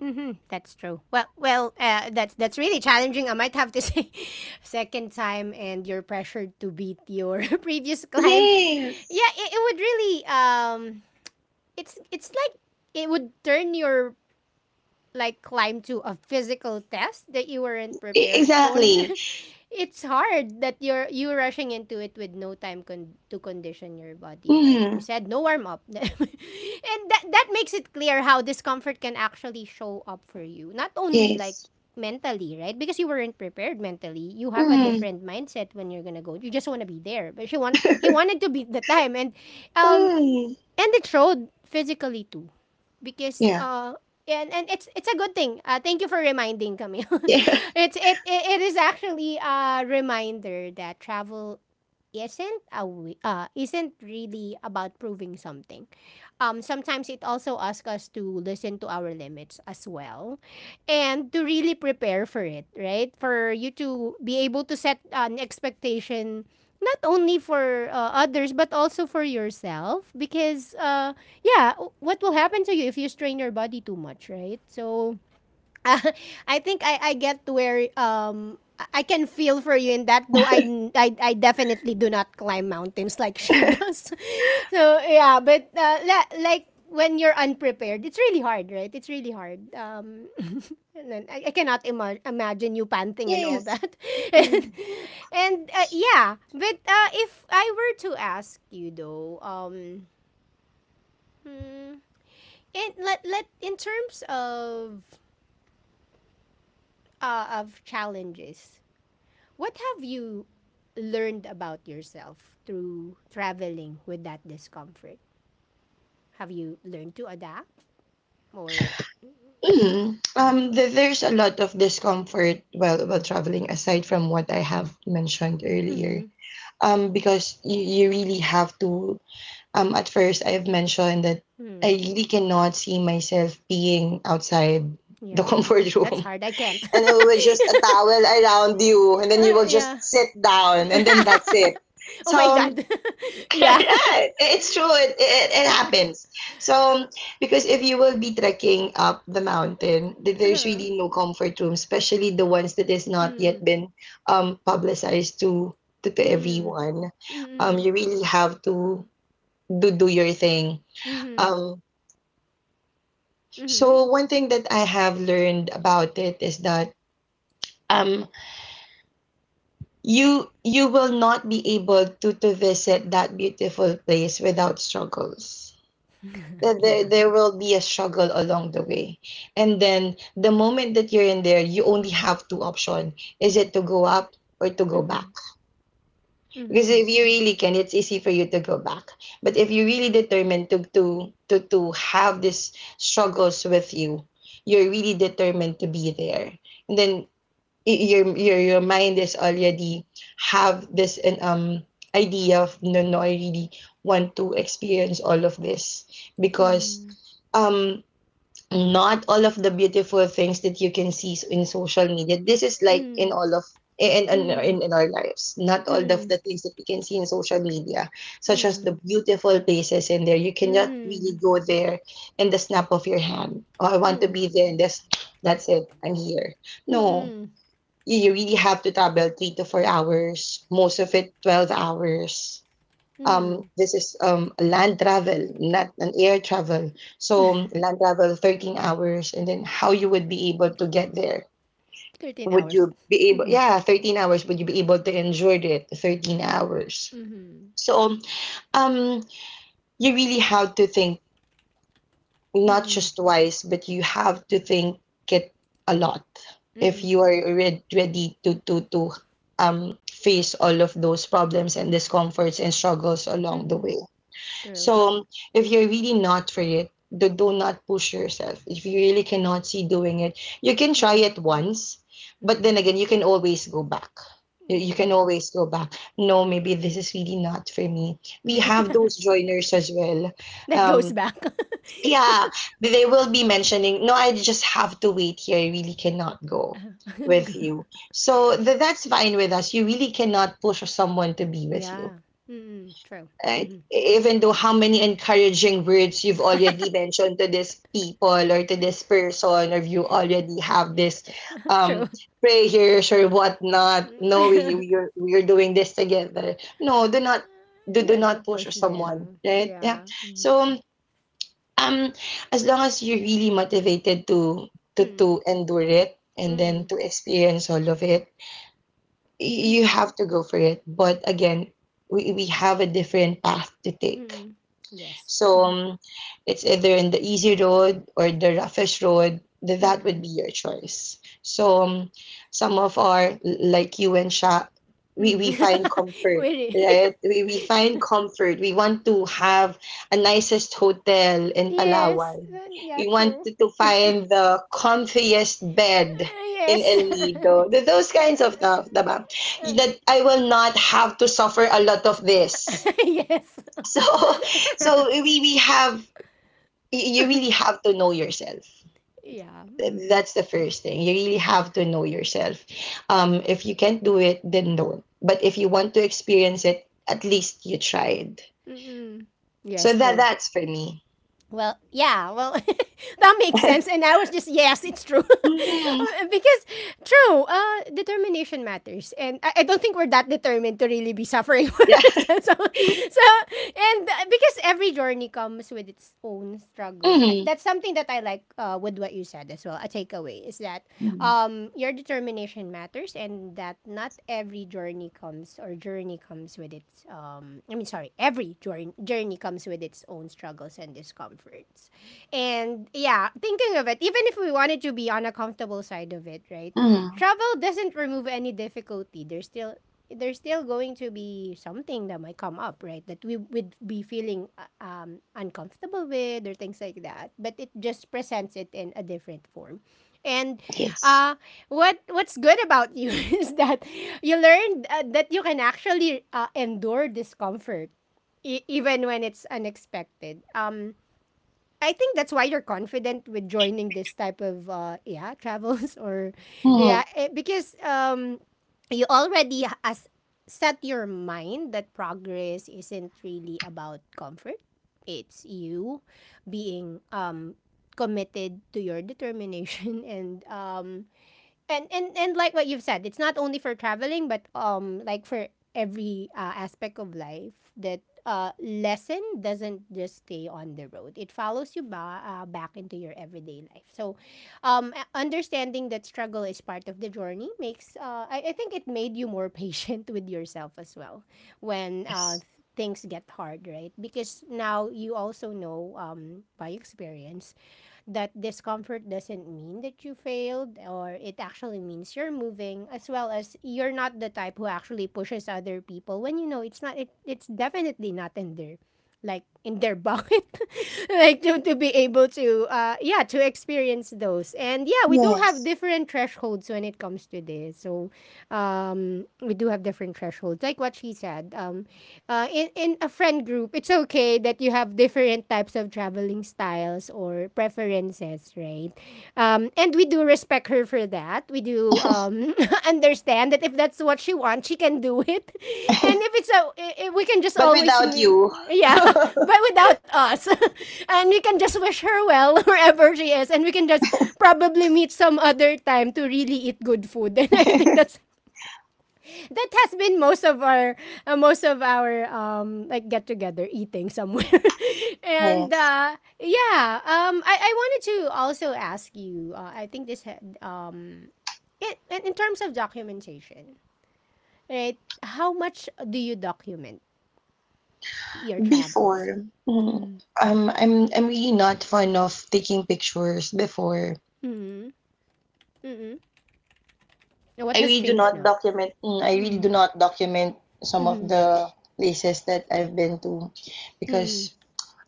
That's true. Well, that's really challenging, I might have to say. Second time, and you're pressured to beat your previous climb. Yes, Yeah, it would really it's like it would turn your, like, climb to a physical test that you weren't e- prepared for. exactly. It's hard that you're you rushing into it with no time to condition your body, right? You Mhm. said no warm up, and that makes it clear how discomfort can actually show up for you. Not only like Yes. mentally, right? Because you weren't prepared mentally. You have a Mhm. different mindset when you're gonna go. You just want to be there, but she want he wanted to beat the time, and um Mm. and it showed physically too, because Yeah. Yeah, and it's a good thing. Thank you for reminding Camille. Yeah. it's it, it it is actually a reminder that travel isn't a wi- isn't really about proving something. Sometimes it also asks us to listen to our limits as well, and to really prepare for it. Right, for you to be able to set an expectation not only for others but also for yourself, because yeah, what will happen to you if you strain your body too much, right? So, I think I get to where I can feel for you in that, though I definitely do not climb mountains like she does. So yeah, but like when you're unprepared, it's really hard, right? It's really hard. And then I cannot imagine you panting and all Yes. that. and Mm. and yeah, but if I were to ask you though, hmm, in let let in terms of challenges, what have you learned about yourself through traveling with that discomfort? Have you learned to adapt or… Mhm. Mhm. There's a lot of discomfort while traveling, aside from what I have mentioned earlier. Mhm. Because you really have to. At first, I have mentioned that I Mhm. really cannot see myself being outside the Yeah. comfort That's room, hard. I can't. and it was just a towel around you, and then you will Yeah. just sit down, and then that's it. Oh So my God. um, Yeah. yeah, it's true. It happens. So, because if you will be trekking up the mountain, there's Uh-huh. really no comfort room, especially the ones that is not yet Mm. been publicized to, to Mm. everyone. Um, Mm. you really have to do your thing. Mhm. Um, Mhm. so one thing that I have learned about it is that, um you will not be able to visit that beautiful place without struggles, that Yeah. there will be a struggle along the way, and then the moment that you're in there, you only have two options, is it to go up or to go back, Mhm. because Mhm. if you really can, it's easy for you to go back, but if you're really determined to have these struggles with you, you're really determined to be there, and then your mind is already have this an idea of, no, no, I really want to experience all of this, because Mm. um not all of the beautiful things that you can see in social media, this is like in Mm. all of, in our lives, not all of the Mm. things that we can see in social media, Mm. such as the Mm. beautiful places in there, you Mm. cannot really Mm. go there in the snap of your hand. Oh, I want to Mm. be there, and that's it. I'm here. No. Mm. You really have to travel 3 to 4 hours, most of it 12 hours. Um, Mm. this is, land travel, not an air travel. So land travel, 13 hours, and then how you would be able to get there. 13 Would hours. you be able, Mm. yeah, 13 hours, would you be able to enjoy it 13 hours? Mm-hmm. So um, you really have to think, not Mm-mm. just twice, but you have to think it a lot, if you Mm-mm. are ready to face all of those problems and discomforts and struggles along the Mm-hmm. way. True. So, if you're really not for it, do not push yourself. If you really cannot see doing it, you can try Mm. it once, but then Mm-hmm. again, you can always go back. You can Yeah. always go back. No, maybe this is really not for me. We have those joiners as well. That goes Um, back. yeah, they will be mentioning, no, I just have to wait here. I really cannot go with you. So that's fine with us. You really cannot push someone to be with you, Yeah. Mm-mm. True. right? Mm-hmm. Even though how many encouraging words you've already mentioned to this people or to this person, or you already have this um True. prayers or whatnot. No, we we're we're doing this together. No, do not do, do No, don't not push push them. someone, Yeah. right? Yeah. Mm. So um, as long as you're really motivated to Mm. endure it and then Mm. to experience all of it, you Mm. have to go for it. But again, we have a different path to take. Mm. Yes. So Mm. um, it's either in the easy road or the roughest road. That would Mm. be your choice. So some of our, like you and Sha, we Mm. we find comfort. Wait, Right, we find comfort. We want to have a nicest hotel in yes. Palawan. Then, yeah, We want true. to find the comfiest bed in Yes. El Nido. Those kinds of stuff, diba? That I will not have to suffer a lot of this. Yes. So, we have, you really have to know yourself. Yeah. Th- Mm. that's the first thing, you really have to know yourself. If you can't do it, then don't, but if you want to experience it, at least you tried, Mm-mm. so Yes, that true. that's for me. Well, yeah, well, that makes sense. And I was just, yes, it's true. Mm. Because, true, determination matters. And I don't think we're that determined to really be suffering for Yeah. it. so, so, and because every journey comes with its own struggles. Mhm. That's something that I like, with what you said as well. A takeaway is that Mm, your determination matters, and that not every journey comes comes or journey comes with its I mean, sorry, every journey comes with its own struggles and discomforts. And yeah, thinking of it, even if we wanted to be on a comfortable side of it, right? mm, Travel doesn't remove any difficulty. There's still, there's still going to be something that might come up, right? That we would be feeling uncomfortable with, or things like that. But it just presents it in a different form. And yes, uh, what what's good about you is that you learned that you can actually endure discomfort even when it's unexpected. I think that's why you're confident with joining this type of yeah, travels, or mm, yeah, because you already ha- as set your mind that progress isn't really about comfort. It's you being committed to your determination. And and like what you've said, it's not only for traveling but like for every aspect of life. That lesson doesn't just stay on the road, it follows you back into your everyday life. So understanding that struggle is part of the journey makes I think it made you more patient with yourself as well, when yes. things get hard, right? Because now you also know, by experience, that discomfort doesn't mean that you failed, or it actually means you're moving as well. As you're not the type who actually pushes other people when you know it's not it, it's definitely not in their, like in their bucket like to be able to yeah, to experience those. And yeah, we do have Yes. different thresholds when it comes to this. So we do have different thresholds, like what she said. In a friend group, it's okay that you have different types of traveling styles or preferences, right? And we do respect her for that. We do, understand that if that's what she wants, she can do it. And if it's a, we can just But always, without you. yeah, but without us. And we can just wish her well wherever she is. And we can just probably meet some other time to really eat good food. And I think that's, that has been most of our like get together, eating somewhere. and Yes. Yeah, I wanted to also ask you, I think this had, in terms of documentation, right? How much do you document your travels? Before, Mm. I'm really not fond of taking pictures. Before, Mm. Mm. And what I has really do changed not now? document. I really Mm. do not document some of Mm. the places that I've been to, Mm. because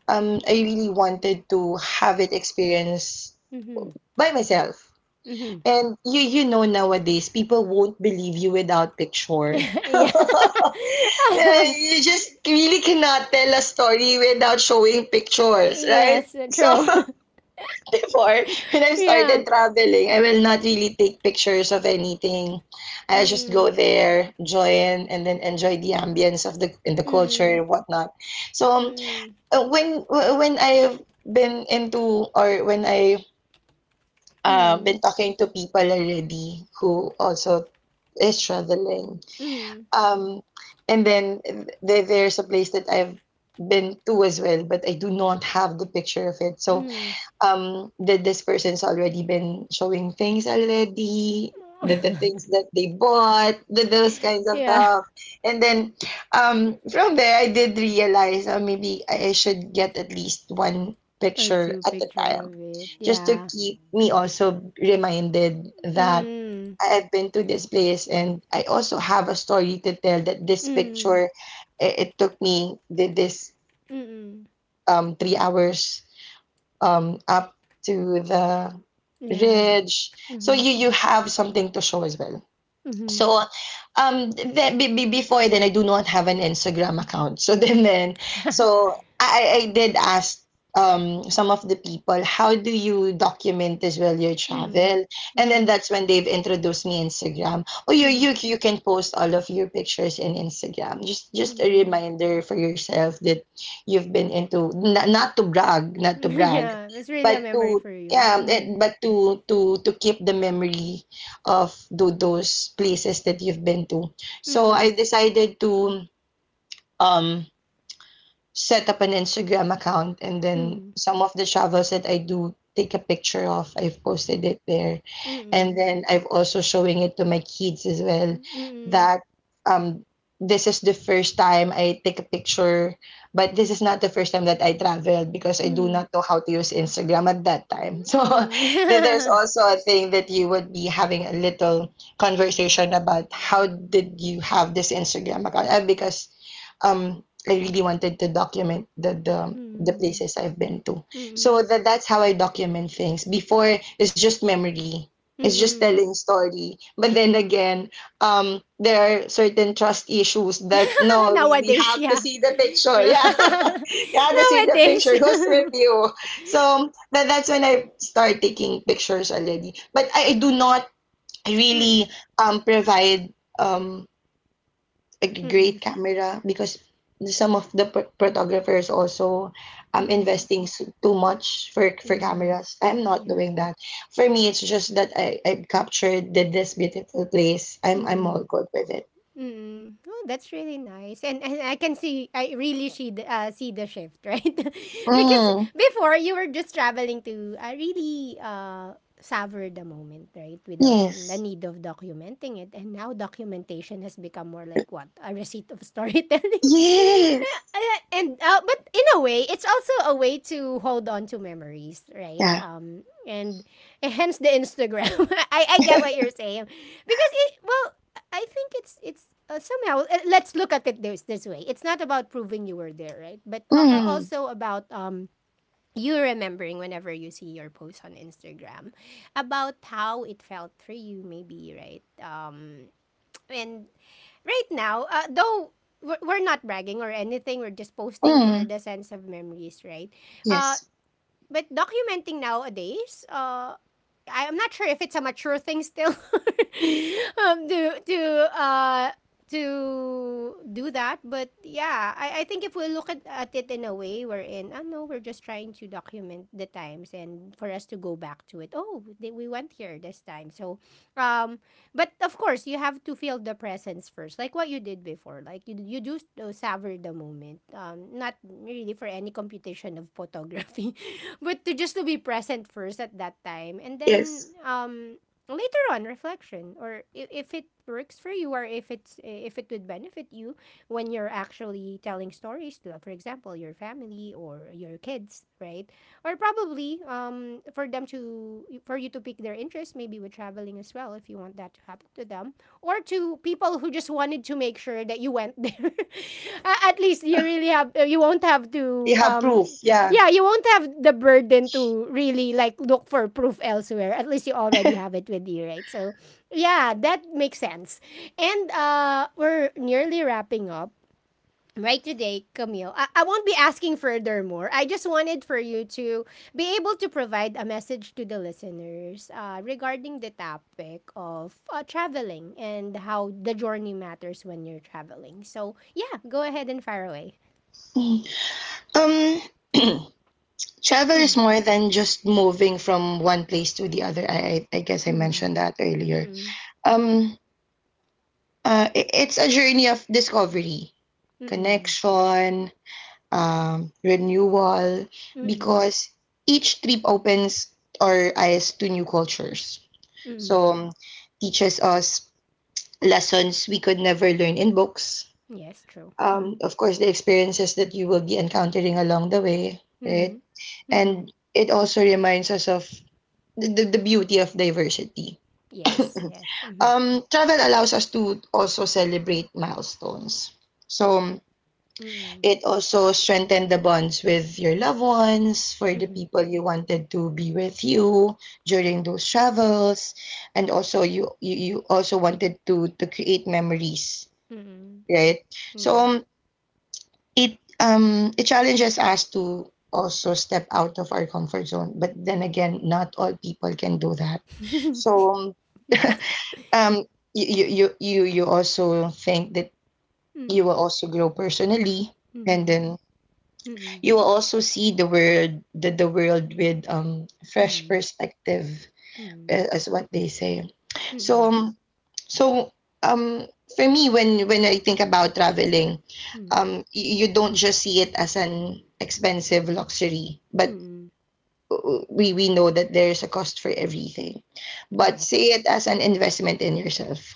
I really wanted to have it experienced Mm. by myself. Mm. And nowadays, people won't believe you without picture. Yeah. Yeah, you just really cannot tell a story without showing pictures, right? Yes. So, True. before, when I Yeah. started traveling, I will not really take pictures of anything. I just Mm. go there, join, and then enjoy the ambience of the in the culture Mm. and whatnot. So um, Mm, uh, when I've been into, or when I been mm, talking to people already who also is traveling, mm, um, and then there's a place that I've been to as well, but I do not have the picture of it. So mm. um did this person's already been showing things already, the things that they bought, those kinds of Yeah. stuff, and then from there, I did realize, maybe I should get at least one Or picture too at a picture time, of it. just to Yeah. keep me also reminded that Mm, I've been to this place, and I also have a story to tell, that this mm, picture, it took me, did this mm. 3 hours, up to the Yeah. ridge. So Mm-hmm. you have something to show as well. Mm-hmm. So, um, that, before then, I do not have an Instagram account. So, then, so I did ask, some of the people, how do you document as well your Mm, travel? And then mm, that's when they've introduced me Instagram. Oh, you mm, you you can post all of your pictures in Instagram. Just a mm. reminder for yourself that you've been into, not, not to brag, not to brag, Yeah, it's really a but memory to for you. yeah, Mm, but to keep the memory of those places that you've been to. So, I mm, decided to um set up an Instagram account, and then mm, some of the travels that I do take a picture of, I've mm, posted it there. And mm, then I've also showing it to my kids as well, mm, that um this is the first time I take a picture, but this is not the first time that I traveled, because I mm, do mm. not know how to use Instagram at that time. So there's also a thing that you would be having a little conversation about. How did you have this Instagram account? Because um I really wanted to document the Mm, places I've been to. So mm, that's how I document things. Before, it's just memory. It's just mm. telling story. But then again, there are certain trust issues that, no, we Nowadays, have to yeah. see the picture. Nowadays. Yeah. You have to see the picture. Who's with you? So that's when I start taking pictures already. But I do not Mm. really provide like a Mm, great camera, because some of the photographers also mm, investing too much for yeah, cameras. I'm not yeah, doing that. For me, it's just that I captured this beautiful place. I'm mm. all good with it. Mm. Oh, that's really nice. And I can see, I really see the, see the shift, right? Because Mm, before you were just traveling to really savor the moment, right? Without the yes. need of documenting it. And now documentation has become more like what? A receipt of storytelling. Yes. And but in a way, it's also a way to hold on to memories, right? Yeah. And hence the Instagram. I get what you're saying, because it, well, I think it's somehow, let's look at it this, this way. It's not about proving you were there, right? But Mm, also about you remembering whenever you see your post on Instagram, about how it felt for you maybe, right? And right now, though, we're not bragging or anything. We're just posting for mm, the sense of memories, right? yes. But documenting nowadays, I'm not sure if it's a mature thing still, um, to to uh, to do that. But yeah, I think if we look at it in a way wherein, I know we're just trying to document the times and for us to go back to it. Oh, they, we went here this time. So, um, but of course, you have to feel the presence first, like what you did before. Like you do savor the moment, not really for any computation of photography, but to just to be present first at that time. And then Yes. Later on reflection, or if it works for you, or if it's, if it would benefit you when you're actually telling stories to, for example, your family or your kids, right? Or probably for them to, for you to pick their interest maybe with traveling as well, if you want that to happen to them. Or to people who just wanted to make sure that you went there. At least you really have, you won't have You to, have proof. Yeah. yeah, you won't have the burden to really like look for proof elsewhere. At least you already have it with you, right? So, yeah, that makes sense. And we're nearly wrapping up. Right today, Camille, I won't be asking furthermore. I just wanted for you to be able to provide a message to the listeners, regarding the topic of traveling and how the journey matters when you're traveling. So, yeah, go ahead and fire away. Mm. Um. Travel is more than just moving from one place to the other. I guess I Mm, mentioned that mm, earlier. mm, Um, it's a journey of discovery, mm. connection, renewal, Mm, because each trip opens our eyes to new cultures. mm. So, teaches us lessons we could never learn in books. Yes, true. Um, Mhm, of course, the experiences that you will be encountering along the way, right? mhm, mm. And it also reminds us of the beauty of diversity. Yes, yes. Mhm, Travel allows us to also celebrate milestones. So mm, it also strengthened the bonds with your loved ones, for the mhm, people you wanted to be with you during those travels, and also you also wanted to create memories, mm, right? So mm. um, it it challenges us to also step out of our comfort zone, but then again, not all people can do that. So, Yes. um you also think that you Mm, will also grow personally, and mhm, then mm, you will also see the world with fresh mm, perspective, mm, as what they say. so mm, um, so um for me, when I think about traveling, mm, you don't just see it as an expensive luxury, but mm. We know that there is a cost for everything, but Correct. see it as an investment in yourself,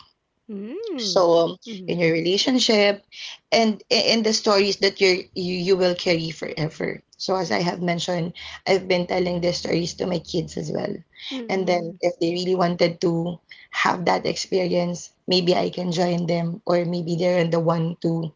so, Mm. In Mhm, your relationship, and in the stories that you will carry forever. So, as I have mentioned, I've been telling the stories to my kids as well, and then mm, if they really wanted to have that experience, maybe I can join them, or maybe they're the one to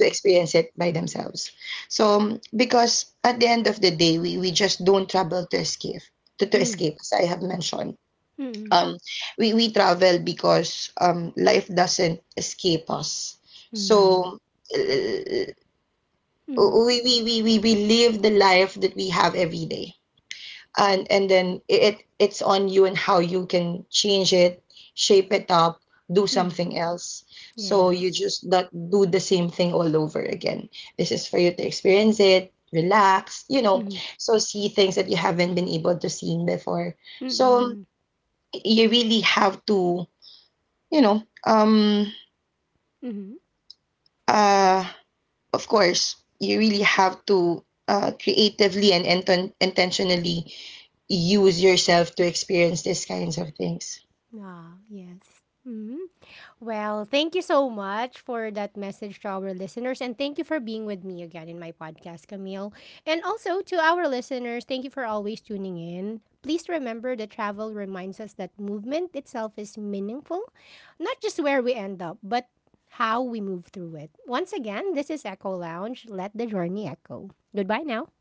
to experience it by themselves. So, because at the end of the day, we just don't trouble to escape, to mm, escape, as I have mentioned, mm, um we travel because life doesn't escape us. mm, So, uh, mm, we live the life that we have every day, and then it's on you, and how you can change it, shape it up, do mm. something else, Yes. so you just not do the same thing all over again. This is for you to experience it, relax. you know Mhm, so see things that you haven't been able to see before, mm, so mm, you really have to, you know um mhm. uh of course, you really have to, creatively and intentionally use yourself to experience these kinds of things. Ah, yes. Mhm. Well, thank you so much for that message to our listeners. And thank you for being with me again in my podcast, Camille. And also to our listeners, thank you for always tuning in. Please remember that travel reminds us that movement itself is meaningful, not just where we end up, but how we move through it. Once again, this is Echo Lounge. Let the journey echo. Goodbye now.